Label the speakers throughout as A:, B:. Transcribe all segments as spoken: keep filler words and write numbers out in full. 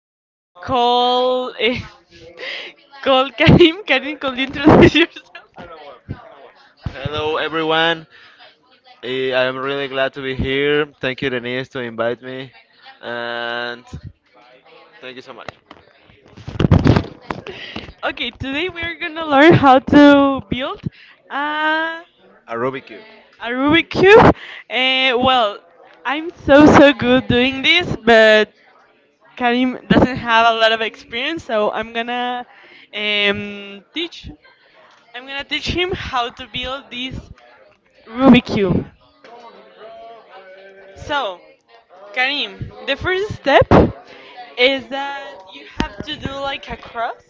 A: guest called eh, called Karim. Karim, could you introduce yourself? Hello everyone. Eh, I am really glad to be here. Thank you Denise to invite me and thank you so much. Okay, today we are gonna learn how to build a A Rubik cube. a Rubik cube. Uh, well, I'm so so good doing this, but Karim doesn't have a lot of experience, so I'm gonna um, teach. I'm gonna teach him how to build this Rubik cube. So, Karim, the first step is that you have to do like a cross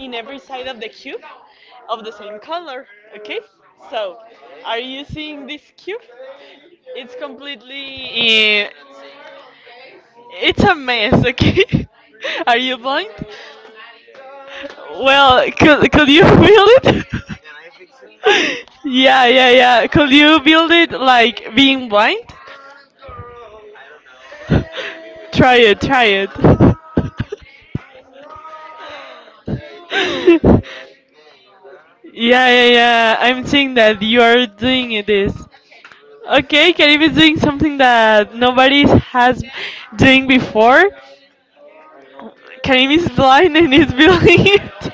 A: in every side of the cube of the same color. Okay? So, are you seeing this cube? It's completely, eh, it's a mess. Okay? Are you blind? Well, could could you build it? Yeah, yeah, yeah. Could you build it like being blind? Try it, try it. Yeah, yeah, yeah, I'm seeing that you are doing this. Okay, Karim is doing something that nobody has doing before. Karim is blind and is building it.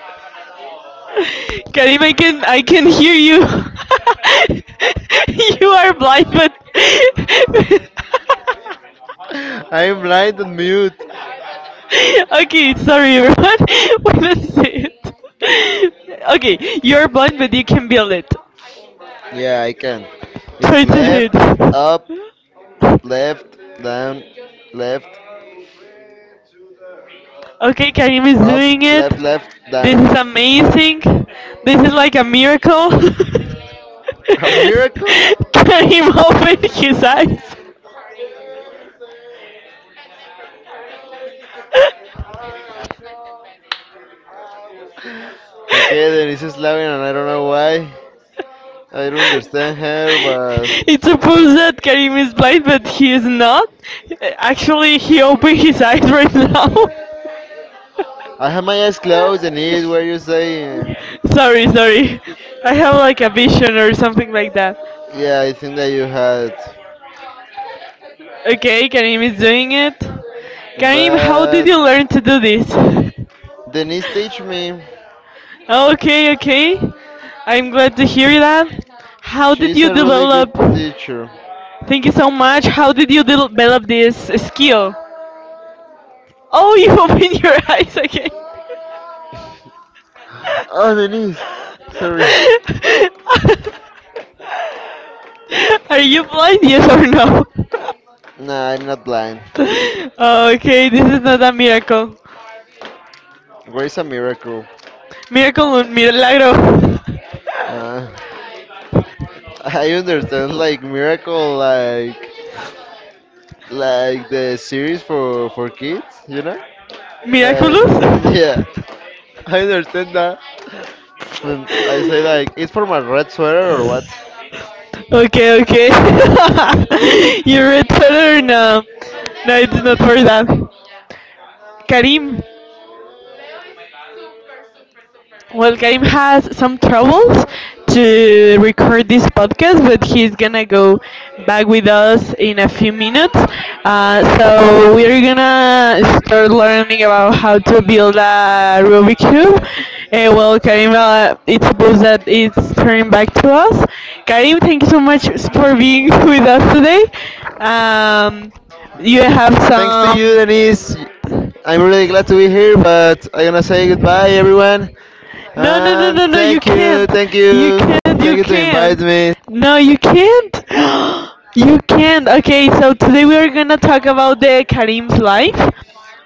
A: Karim, I can I can hear you. You are blind, but
B: I'm blind and mute.
A: okay. Sorry, everyone. Wait a it? Okay, you're blind, but you can build it.
B: Yeah, I can. It's
A: Try to do it.
B: left, up, left, down, left,
A: Okay, Karim is
B: up,
A: doing it.
B: left, left,
A: This
B: down.
A: is amazing. This is like a miracle.
B: A miracle?
A: Karim opened his eyes.
B: Okay, Denise is laughing, and I don't know why. I don't understand her, but
A: It's supposed that Karim is blind, but he is not. Actually, he opened his eyes right now.
B: I have my eyes closed and it is where you say.
A: Sorry, sorry. I have like a vision or something like that.
B: Yeah, I think that you had.
A: Okay, Karim is doing it. Karim, how did
B: But
A: you learn to do this?
B: Denise teach me.
A: Okay, okay. I'm glad to hear that. How did
B: She's
A: you
B: a really good
A: develop?
B: teacher.
A: Thank you so much. How did you develop this skill? Oh, you opened your eyes again.
B: Oh, Denise. Sorry.
A: Are you blind? Yes or no?
B: Nah, I'm not blind.
A: Okay, this is not a miracle.
B: Where is a miracle?
A: Miracle, un milagro.
B: Uh, I understand like miracle like like the series for for kids, you know? Like
A: Miraculous?
B: yeah. I understand that. And I say like it's for my red sweater or what?
A: Okay, okay. You read further? No. No, it's not for that. Karim. Well, Karim has some troubles to record this podcast, but he's gonna go back with us in a few minutes. Uh, so we're gonna start learning about how to build a Rubik's cube. Uh, well, Karim, uh, it's supposed that it's turning back to us. Karim, thank you so much for being with us today. Um, you have
B: Thanks to you,
A: some.
B: Denise. I'm really glad to be here, but I'm gonna say goodbye, everyone.
A: No, no, no,
B: And
A: no, no, you
B: thank you,
A: can't.
B: thank
A: You
B: you,
A: can't,
B: thank
A: you
B: you to invite
A: can't.
B: me.
A: No, you can't. You can't. Okay, so today we are gonna talk about the Karim's life.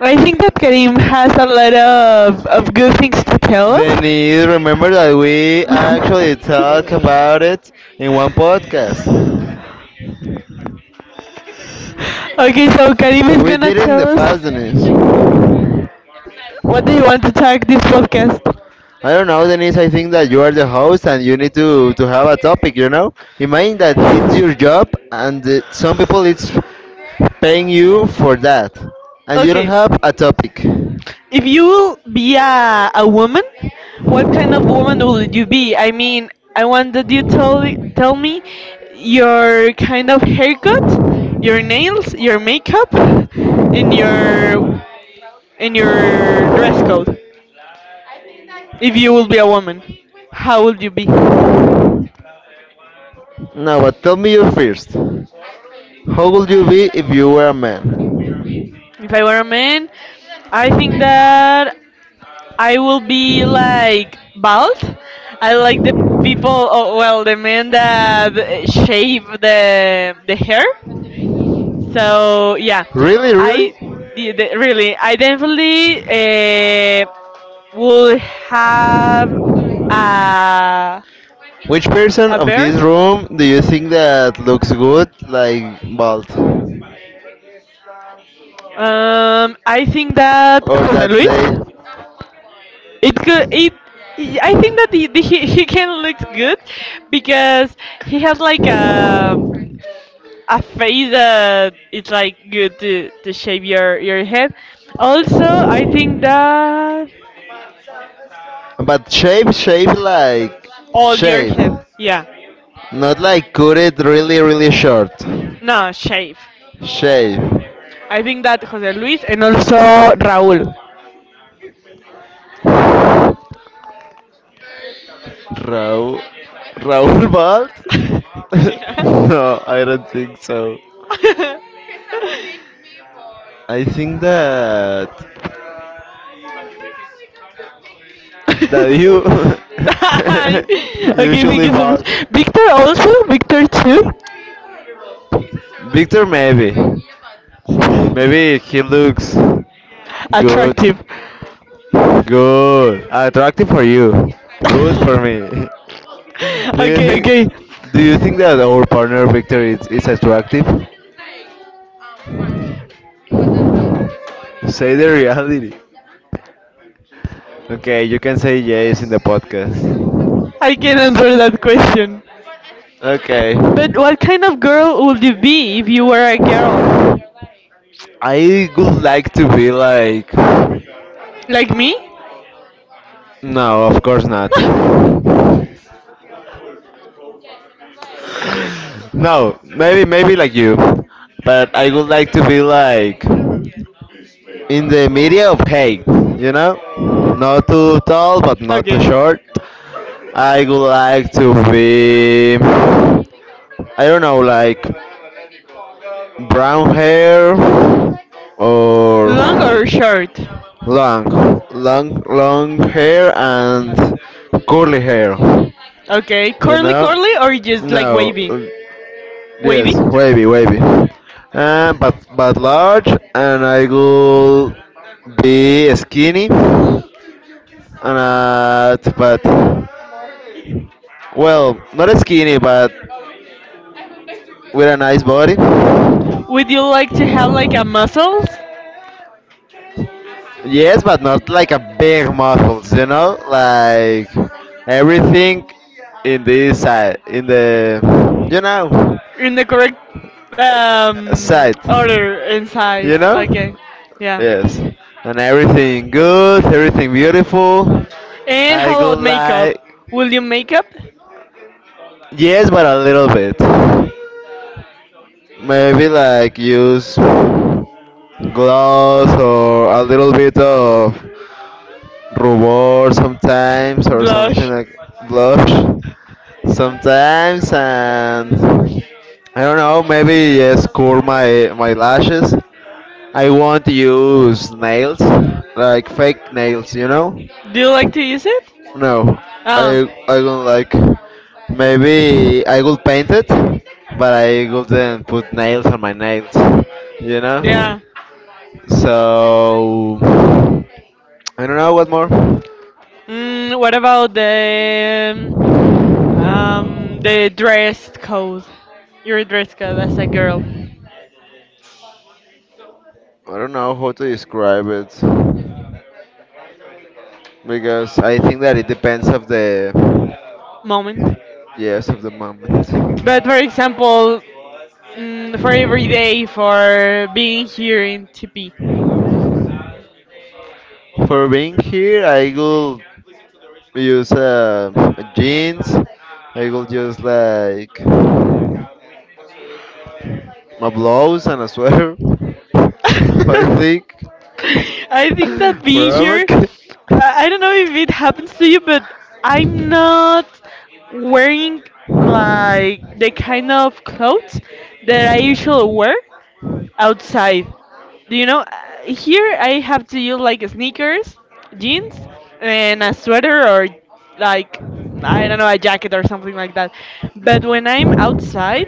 A: I think that Karim has a lot of, of good things to tell us.
B: Denise, remember that we actually talk about it in one podcast.
A: Okay, so Karim is
B: We
A: gonna
B: did it in the
A: tell us
B: past, Denise.
A: what do you want to talk this podcast.
B: I don't know, Denise. I think that you are the host and you need to, to have a topic, you know? Imagine that it's your job and uh, some people it's paying you for that. And you don't
A: Okay,
B: have a topic.
A: if you be a, a woman, what kind of woman would you be? I mean, I want that you tell tell me your kind of haircut, your nails, your makeup, in your in your dress code. If you would be a woman, how would you be?
B: Now but tell me you first. How would you be if you were a man?
A: If I were a man, I think that I will be like bald. I like the people, oh, well, the men that shave the the hair. So yeah,
B: Really,
A: I
B: really?
A: the- the- really, I definitely uh, would have a
B: Which person
A: a
B: of
A: bear.
B: this room do you think that looks good, like bald?
A: Um, I think that
B: Or
A: Jose
B: that they.
A: Luis. It could it. I think that the, the, he he can look good because he has like a a face that it's like good to to shave your your head. Also, I think that
B: But shape, shape like.
A: all your
B: Shape.
A: head. Yeah.
B: Not like cut it really, really short.
A: No, shave.
B: Shape.
A: I think that Jose Luis and also Raul.
B: Raul. Raul Bald?
A: Yeah.
B: No, I don't think so. I think that. that you
A: Hi. Okay, thank
B: usually
A: you so
B: bought.
A: much. Victor also? Victor too?
B: Victor, maybe. Maybe he looks good.
A: Attractive.
B: Good. Attractive for you. Good for me. Do you
A: Okay,
B: think
A: okay.
B: do you think that our partner Victor is, is attractive? Say the reality. Okay, you can say yes in the podcast.
A: I can answer that question.
B: Okay.
A: But what kind of girl would you be if you were a girl?
B: I would like to be like.
A: Like me?
B: No, of course not. No, maybe maybe like you, but I would like to be like in the media of height, you know? Not too tall, but not too
A: Okay.
B: short. I would like to be, I don't know, like brown hair
A: Long
B: or
A: or short?
B: long, long, long hair and curly hair,
A: Okay.
B: you
A: Curly,
B: know?
A: curly, or just like
B: No,
A: wavy?
B: yes,
A: Wavy?
B: wavy, wavy. Um, but but large, and I will be skinny, and uh, but well, not skinny, but with a nice body.
A: Would you like to have like a muscles
B: Yes, but not like a big muscles, you know, like everything in this side, in the you know
A: in the correct um
B: side,
A: order and size?
B: you know.
A: Okay. Yeah.
B: Yes, and everything good, everything beautiful.
A: And
B: I
A: how
B: go
A: about
B: like,
A: makeup? Will you makeup?
B: yes, but a little bit. Maybe like use gloss or a little bit of rubor sometimes or something
A: Blush.
B: like blush sometimes and I don't know, maybe yes, curl my my lashes. I won't use nails, like fake nails, you know.
A: Do you like to use it?
B: No, I
A: Oh,
B: I don't like. Maybe I will paint it, but I wouldn't put nails on my nails. You know.
A: yeah.
B: So I don't know what more. I
A: Mm, what about the um the dress code? Your dress code as a girl.
B: don't know how to describe it because I think that it depends of the,
A: Moment.
B: yes, of the moment.
A: But for example, mm, for every day, for being here in T P.
B: For being here, I will use uh, jeans. I will use like my blouse and a sweater, but I think
A: I think that being
B: wherever I
A: here,
B: can.
A: I I don't know if it happens to you, but I'm not wearing like the kind of clothes that I usually wear outside. Do you know? uh, Here I have to use like sneakers, jeans, and a sweater or like I don't know a jacket or something like that. But when I'm outside,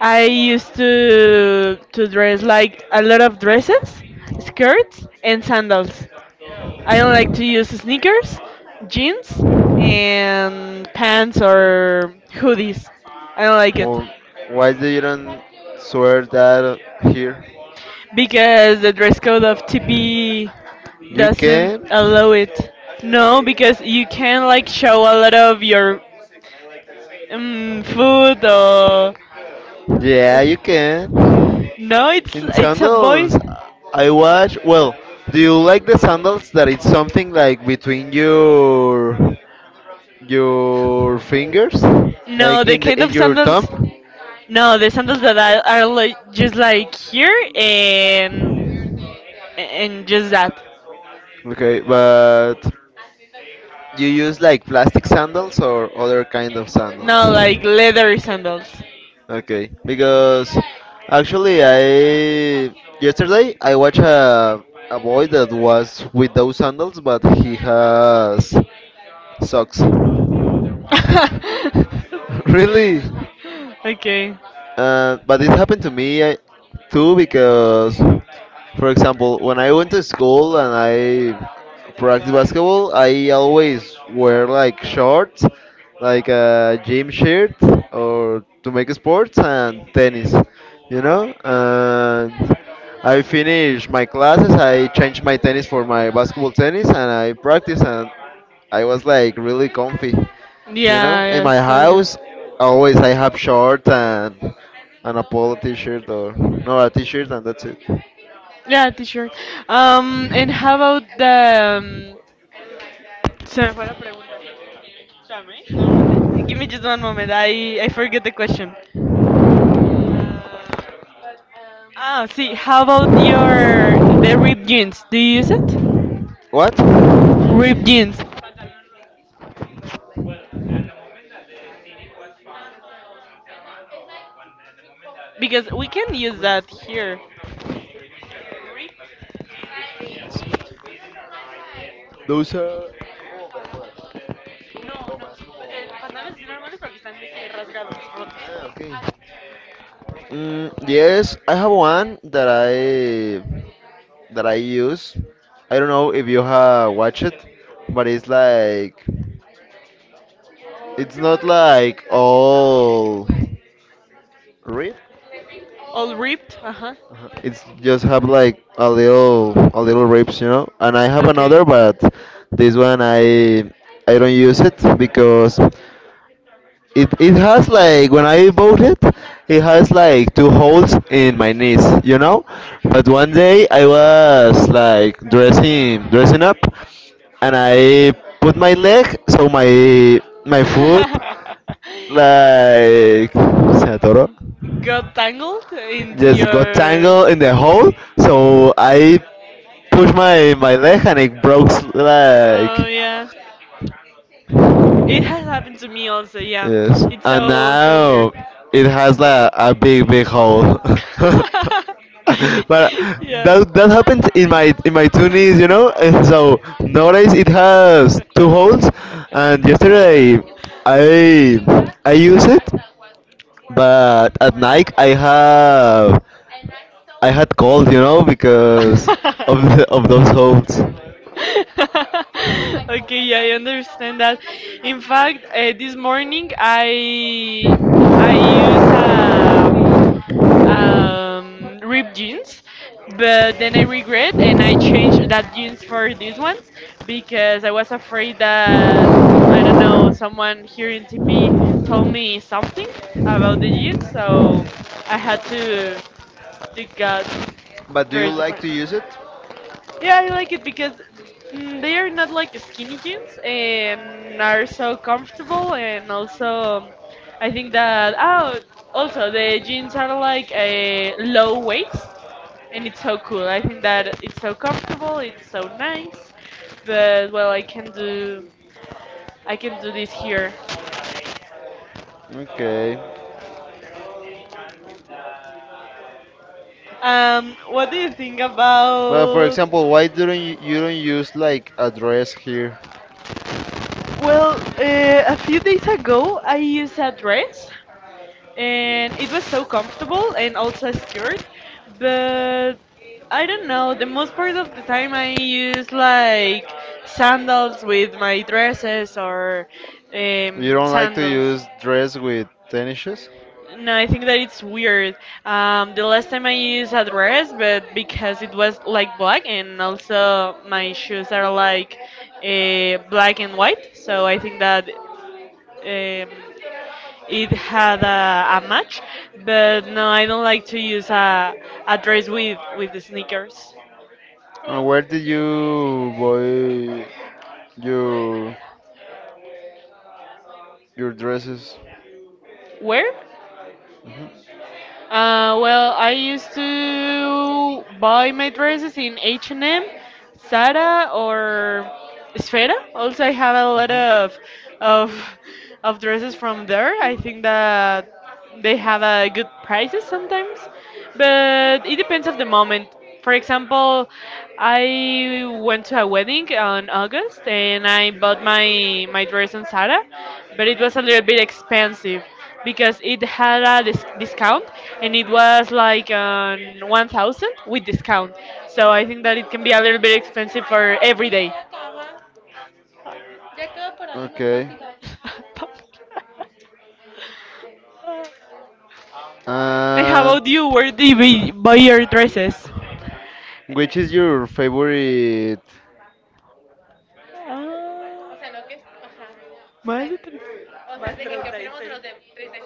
A: I used to to dress like a lot of dresses, skirts, and sandals. I don't like to use sneakers, jeans, and pants
B: Mhm.
A: or hoodies. I don't like it.
B: Well, why do you don't swear that here?
A: Because the dress code of T P
B: You
A: doesn't
B: can?
A: allow it. No, because you can like show a lot of your um, food or
B: Yeah, you can.
A: no, it's
B: In
A: it's a boy.
B: sandals, I watch. Well, do you like the sandals that it's something like between your your fingers,
A: No,
B: like
A: the
B: in the
A: kind
B: in
A: of
B: your
A: sandals.
B: thumb?
A: No, the sandals that are, are like just like here and and just that.
B: Okay, but you use like plastic sandals or other kind of sandals?
A: No, like leather sandals.
B: Okay, because actually I yesterday I watched a a boy that was with those sandals, but he has socks. Really?
A: Okay.
B: Uh, but it happened to me uh, too because, for example, when I went to school and I practiced basketball, I always wear like shorts, like a gym shirt or to make sports and tennis, you know. And I finish my classes, I change my tennis for my basketball tennis, and I practice and I was like really comfy. You
A: Yeah,
B: know, in
A: yeah,
B: my
A: so good.
B: house, always I have shorts and and a polo t-shirt or no a t-shirt and that's it.
A: Yeah, t-shirt. Um, and how about the... um, se me fue la pregunta. Dame un moment. Give me just one moment. I, I forget the question. Ah, see, how about your... the ripped jeans? Do you use it?
B: What?
A: Ripped jeans. Because we can use that here.
B: Those are.
A: No, no. Pantalones normales porque están de que rasgados, rotos.
B: Ah, okay. Mm, yes, I have one that I that I use. I don't know if you have watched it, but it's like it's not like all ripped.
A: All ripped? Uh-huh.
B: Uh-huh. It's just have like a little a little ribs, you know. And I have
A: Okay.
B: another, but this one I I don't use it because it it has like when I bought it, it has like two holes in my knees, you know. But one day I was like dressing dressing up, and I put my leg so my my foot like se atoró
A: Got tangled into
B: just got
A: your.
B: tangled in the hole. So I pushed my my leg and it broke
A: Oh
B: like
A: yeah, it has happened to me also. Yeah,
B: yes.
A: it's
B: And
A: so so
B: now
A: weird.
B: it has like a big big hole. But
A: Yeah.
B: that that happens in my in my two knees, you know. And so nowadays it has two holes. And yesterday I I use it, but at night I have I had cold, you know, because of the, of those holds.
A: Okay, yeah, I understand that. In fact, uh, this morning I I use a um, ripped jeans, but then I regret and I changed that jeans for these ones because I was afraid that I don't know someone here in T P told me something about the jeans, so I had to to got
B: But do you
A: very
B: like
A: different.
B: to use it?
A: Yeah, I like it because mm, they are not like skinny jeans and are so comfortable, and also I think that oh, also the jeans are like a low weight, and it's so cool. I think that it's so comfortable, it's so nice, but well, I can do I can do this here.
B: Okay.
A: Um, what do you think
B: Well, for
A: about?
B: example, why don't you, you don't use like a dress here?
A: Well, uh, a few days ago I used a dress and it was so comfortable and also secured, but I don't know, the most part of the time I use like sandals with my dresses or um,
B: You don't like to
A: sandals.
B: use dress with tennis shoes?
A: No, I think that it's weird. Um, the last time I used a dress, but because it was like black and also my shoes are like uh, black and white, so I think that um, it had a, a match, but no, I don't like to use a, a dress with, with the sneakers.
B: And where did you buy your your dresses?
A: Where?
B: Mhm.
A: Uh, well, I used to buy my dresses in H and M, Zara, or Sfera. Also, I have a lot of of of dresses from there. I think that they have uh, good prices sometimes, but it depends of the moment. For example, I went to a wedding on August and I bought my my dress on Zara, but it was a little bit expensive because it had a dis discount and it was like on one thousand with discount. So I think that it can be a little bit expensive for every day.
B: Okay.
A: And how
B: And
A: about you? Where do you buy buy your dresses?
B: which is your favorite?
A: Ah, O O más Ay, de tre- O Más thirty six.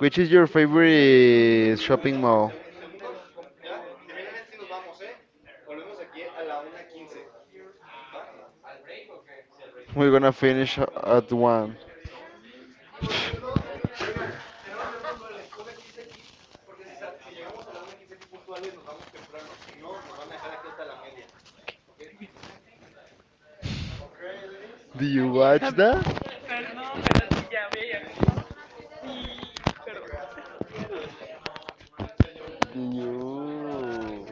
B: Which is your favorite shopping mall? We're gonna finish at one. Do you
A: Ah,
B: watch that?
A: perdón, pero sí, ya me llamé. Sí, perdón.
B: Do you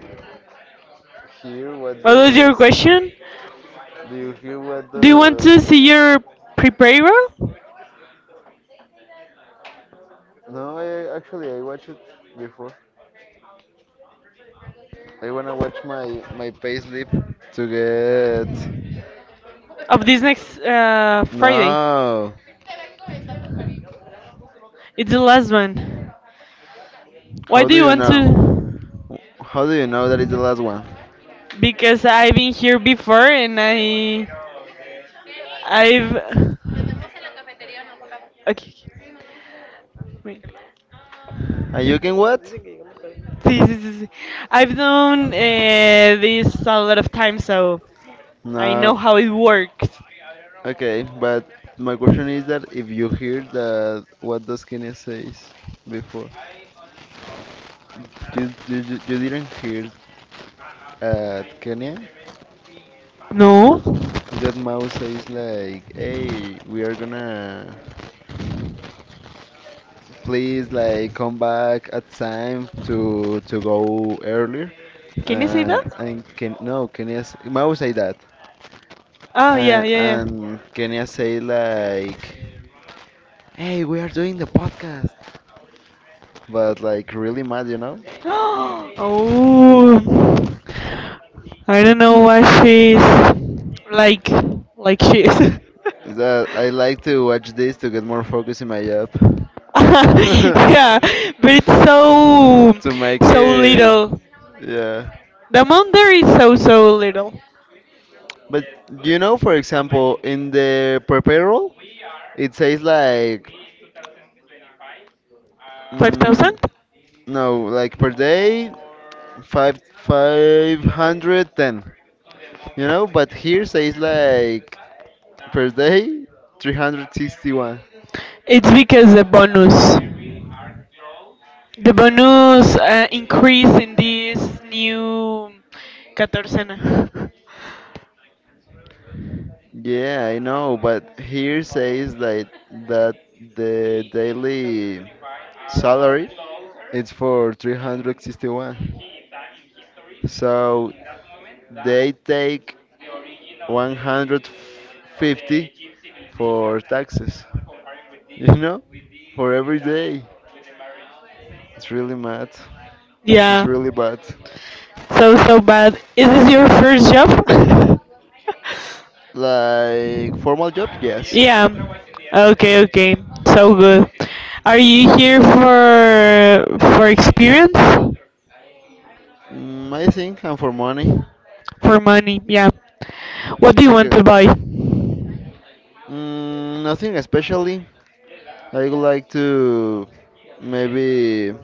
B: hear what
A: What was your
B: does?
A: question?
B: Do you hear what
A: Do you want to
B: does?
A: see your pre-prayer
B: No, I actually I watched it before. I wanna watch my my payslip to get.
A: of this next uh, Friday?
B: No.
A: It's the last one. Why
B: How
A: do
B: do
A: you
B: you
A: want
B: know?
A: to?
B: How do you know that is the last one?
A: Because I've been here before and I, I've. Okay. Okay. Sí, no. Wait.
B: And you can what?
A: See, see, see, see. I've done uh, this a lot of times, so I know
B: No.
A: how it works.
B: Okay, but my question is that if you hear that, what does Kenya says before? You, you, you you didn't hear at Kenya?
A: No?
B: Is that Mao says like, hey, we are gonna please like come back at time to to go earlier,
A: Can you say
B: uh,
A: that?
B: and can no Kenya s- Mao say that,
A: Oh, yeah,
B: uh,
A: yeah, yeah.
B: and Kenya say like hey we are doing the podcast but like really mad, you know.
A: Oh. I don't know why she's like, like she is.
B: Is that I like to watch this to get more focus in my job.
A: Yeah, but it's so,
B: To make
A: so
B: it,
A: little.
B: yeah.
A: The amount there is so, so little.
B: But you know, for example, in the prepared roll, it says like,
A: Five thousand?
B: mm, no, like per day, five five hundred ten. You know, but here says like per day three hundred sixty one.
A: It's because the bonus. The bonus uh, increase in this new catorcena.
B: Yeah, I know, but here says like that the daily salary it's for three hundred sixty one. So they take one hundred fifty for taxes, you know, for every day. It's really mad. It's
A: Yeah.
B: really bad.
A: So so bad. Is this your first job?
B: Like formal job, yes.
A: Yeah. Okay, okay. So good. Are you here for for experience?
B: Mm, I think and for money.
A: For money, yeah. What do you want to
B: Because
A: buy?
B: mm, nothing especially. I would like to maybe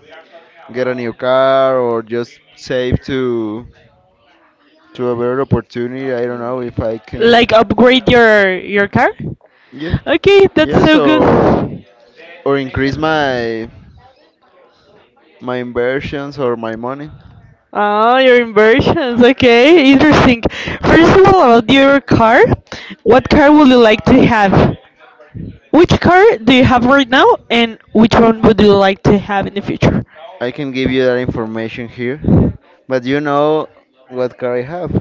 B: get a new car or just save to to a better opportunity. I don't know if I can.
A: Like upgrade your your car?
B: Yeah.
A: Okay, that's
B: Yes,
A: so good.
B: or or increase my my inversions or my money.
A: Ah, your inversions. Okay, interesting. First of all, about your car, what car would you like to have? Which car do you have right now, and which one would you like to have in the future?
B: I can give you that information here, but you know what car I have.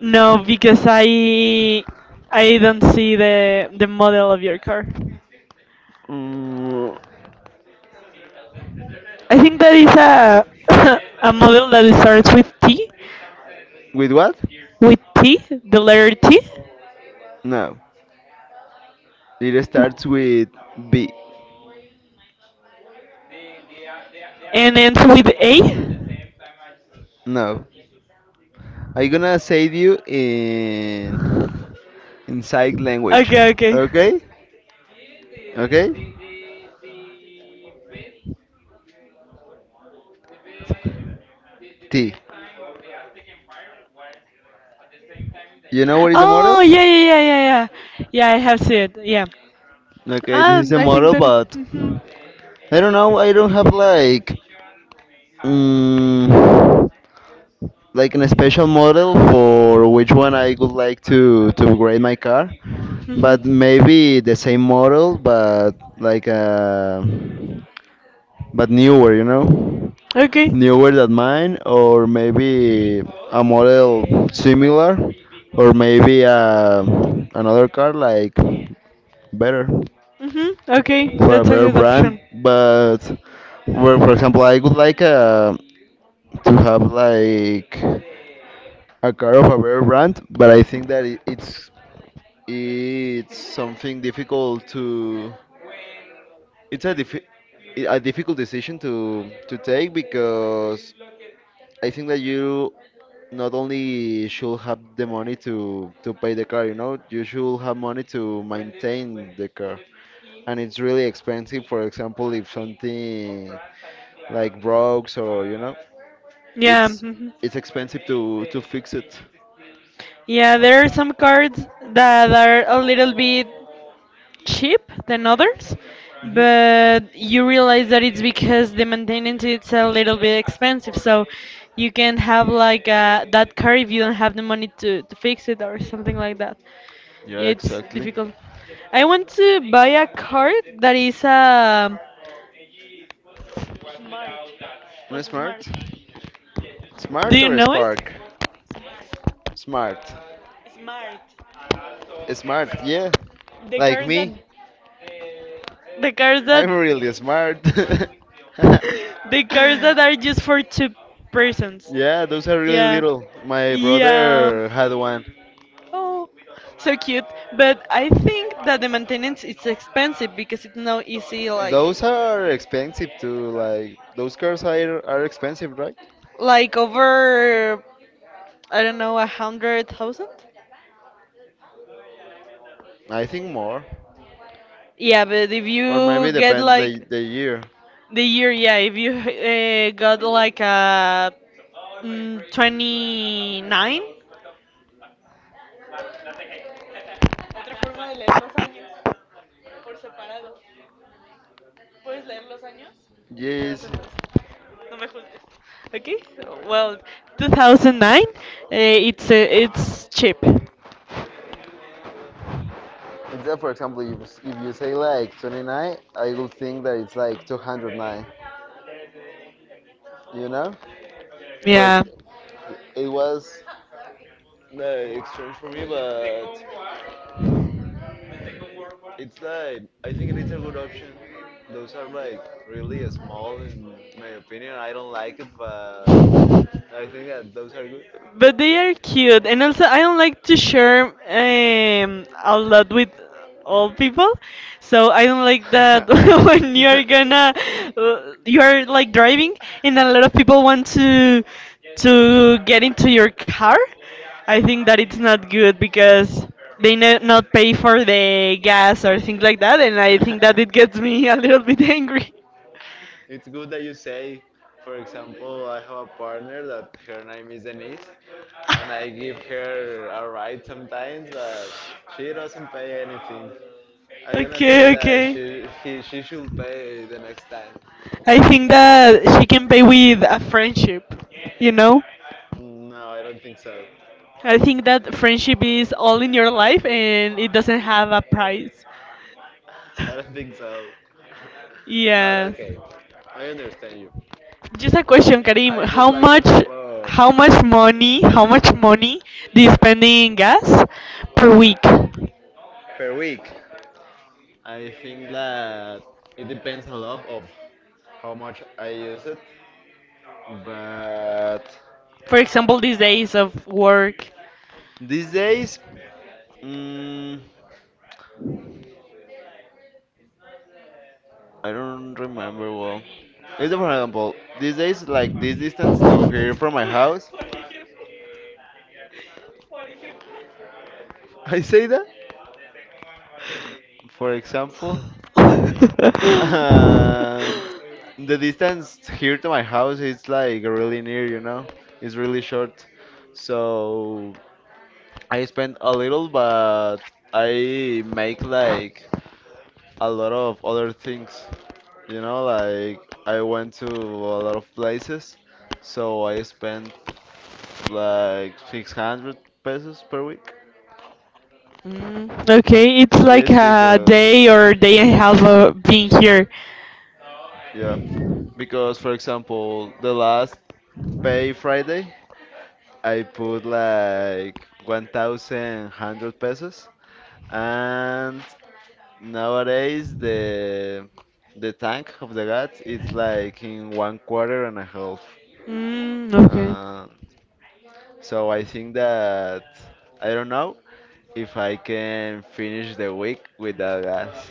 A: No, because I I don't see the the model of your car.
B: Mm,
A: I think that is a a model that starts with T,
B: with what?
A: with T, the letter T.
B: No. It starts with B.
A: And ends with A?
B: No. I'm gonna say you in in sign language.
A: Okay, okay.
B: Okay? Okay? T. You know what is a
A: Oh,
B: model?
A: yeah, yeah, yeah, yeah, yeah. Yeah, I have seen it. Yeah.
B: Okay, this
A: Ah,
B: is a
A: I think
B: model,
A: that. It,
B: but
A: mhm.
B: I don't know. I don't have like. Mm, like an special model for which one I would like to to upgrade my car,
A: Mhm.
B: but maybe the same model, but like uh, but newer, you know,
A: Okay.
B: newer than mine, or maybe a model similar, or maybe uh, another car like better
A: Mhm. Okay,
B: for a
A: that's a
B: better
A: good
B: brand,
A: option.
B: but for, for example, I would like uh, to have like. A car of a better brand, but I think that it, it's it's something difficult to it's a diffi- a difficult decision to to take because I think that you not only should have the money to to pay the car, you know, you should have money to maintain the car, and it's really expensive. For example, if something like broke or you know,
A: Yeah.
B: it's
A: Mhm.
B: it's expensive to to fix it.
A: Yeah, there are some cards that are a little bit cheap than others,
B: Mhm.
A: but you realize that it's because the maintenance it's a little bit expensive. So you can have like uh, that car if you don't have the money to, to fix it or something like that.
B: Yeah,
A: Yeah, it's
B: exactly.
A: difficult. I want to buy a car that is a smart,
B: Un
A: plus smart.
B: smart?
A: Do
B: Smart
A: you
B: or
A: know it?
B: spark? Smart.
A: Smart.
B: Smart, yeah.
A: The
B: Like
A: cars that
B: me.
A: the cars that
B: I'm really smart.
A: the cars that are just for two persons.
B: Yeah, those are really
A: Yeah.
B: little. My
A: Yeah.
B: brother had one.
A: Oh, so cute. But I think that the maintenance is expensive because it's not easy. Like,
B: Those are expensive too. Like those cars are are expensive, right?
A: like over, I don't know, a hundred thousand.
B: I think more,
A: Yeah, but if
B: or maybe
A: you get
B: depends the
A: like
B: the year.
A: the year, yeah, if you uh, got like a mm, twenty nine,
B: Yes.
A: okay, well, two thousand nine, uh, it's uh, it's cheap.
B: Instead, for example, if, if you say like twenty nine, I will think that it's like two hundred nine. You know? For ex-
A: Yeah.
B: it was like it's strange for me, but it's like I think it is a good option. Those are like really small, in my opinion. I don't like it, but I think that those are
A: But they are cute, and also I don't like to share um a lot with all people, so I don't like that when you're gonna uh, you're like driving and a lot of people want to to get into your car. I think that it's not good because they no, not pay for the gas or things like that, and I think that it
B: good.
A: gets me a little bit angry.
B: It's good that you say, for example, I have a partner that her name is Denise, and I give her a ride sometimes, but she doesn't pay anything. I'm gonna say
A: Okay,
B: that she
A: okay.
B: he, she should pay the next time.
A: I think that she can pay with a friendship, you know?
B: No, I don't think so.
A: I think that friendship is all in your life and it doesn't have a price.
B: I don't think so. But
A: Yes.
B: okay, I understand you.
A: Just a question, Karim.
B: I would
A: How
B: like to
A: much,
B: have a.
A: how much money, how much money do you spend in gas per week?
B: Per week. I think that it depends a lot of how much I use it, but
A: For example, these days of work.
B: these days, mm, I don't remember well. It's for example, these days, like this distance to here from my house, I say that. For example, and the distance here to my house is like really near, you know, it's really short, so. I spend a little, but I make like a lot of other things. You know, like I went to a lot of places, so I spent like six hundred pesos per week.
A: Mm, okay, it's like
B: Yes,
A: a
B: because
A: day or day and a half of being here.
B: yeah, because for example, the last pay Friday, I put like one thousand one hundred pesos, and nowadays, the the tank of the gas is like in one quarter and a half.
A: Mm, okay,
B: Uh, so I think that I don't know if I can finish the week without gas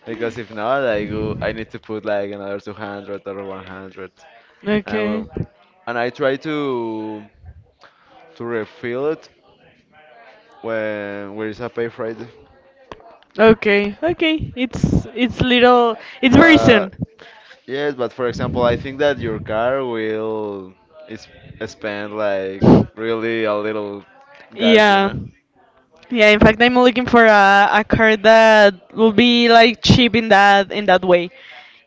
B: because if not, I go I need to put like another two hundred or one hundred, and I will,
A: okay,
B: and I try to to refill it when where is a pay Friday,
A: okay, okay. It's it's little. It's very
B: but.
A: soon.
B: Yes, but for example, I think that your car will is spend like really a little gas, you
A: Yeah.
B: know.
A: Yeah, in fact I'm looking for a, a car that will be like cheap in that in that way.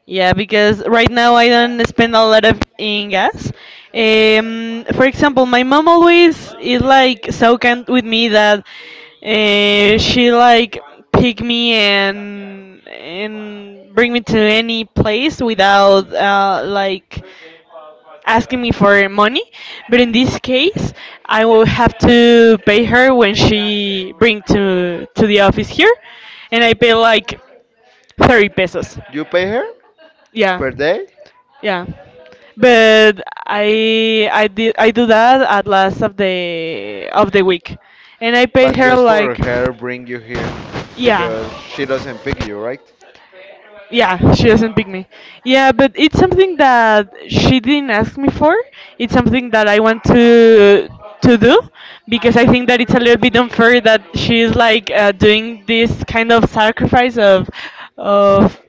A: Yeah, because right now I don't spend a lot of in gas. Um, for example, my mom always is like so kind with me that uh, she like pick me and and bring me to any place without uh, like asking me for money, but in this case, I will have to pay her when she bring to to the office here, and I pay like thirty pesos.
B: You pay her
A: Yeah,
B: per day,
A: yeah. But I I did I do that at last of the of the week, and I
B: but
A: paid her
B: just for
A: like,
B: her bring you here
A: yeah.
B: because she doesn't pick you, right?
A: Yeah, she doesn't pick me. Yeah, but it's something that she didn't ask me for. It's something that I want to to do because I think that it's a little bit unfair that she's like uh, doing this kind of sacrifice of of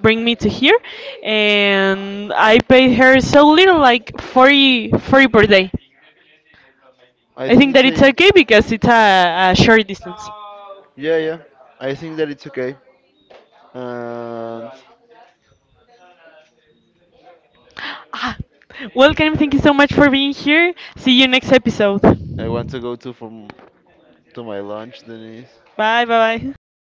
A: bring me to here, and I paid her so little, like forty forty per day.
B: I
A: I
B: think
A: think
B: it's
A: that it's
B: a.
A: okay because it's a, a short distance.
B: Yeah, yeah. I think that it's okay. And
A: Ah, welcome. Thank you so much for being here. See you next episode.
B: I want to go to from to my lunch, Denise.
A: Bye bye. Bye.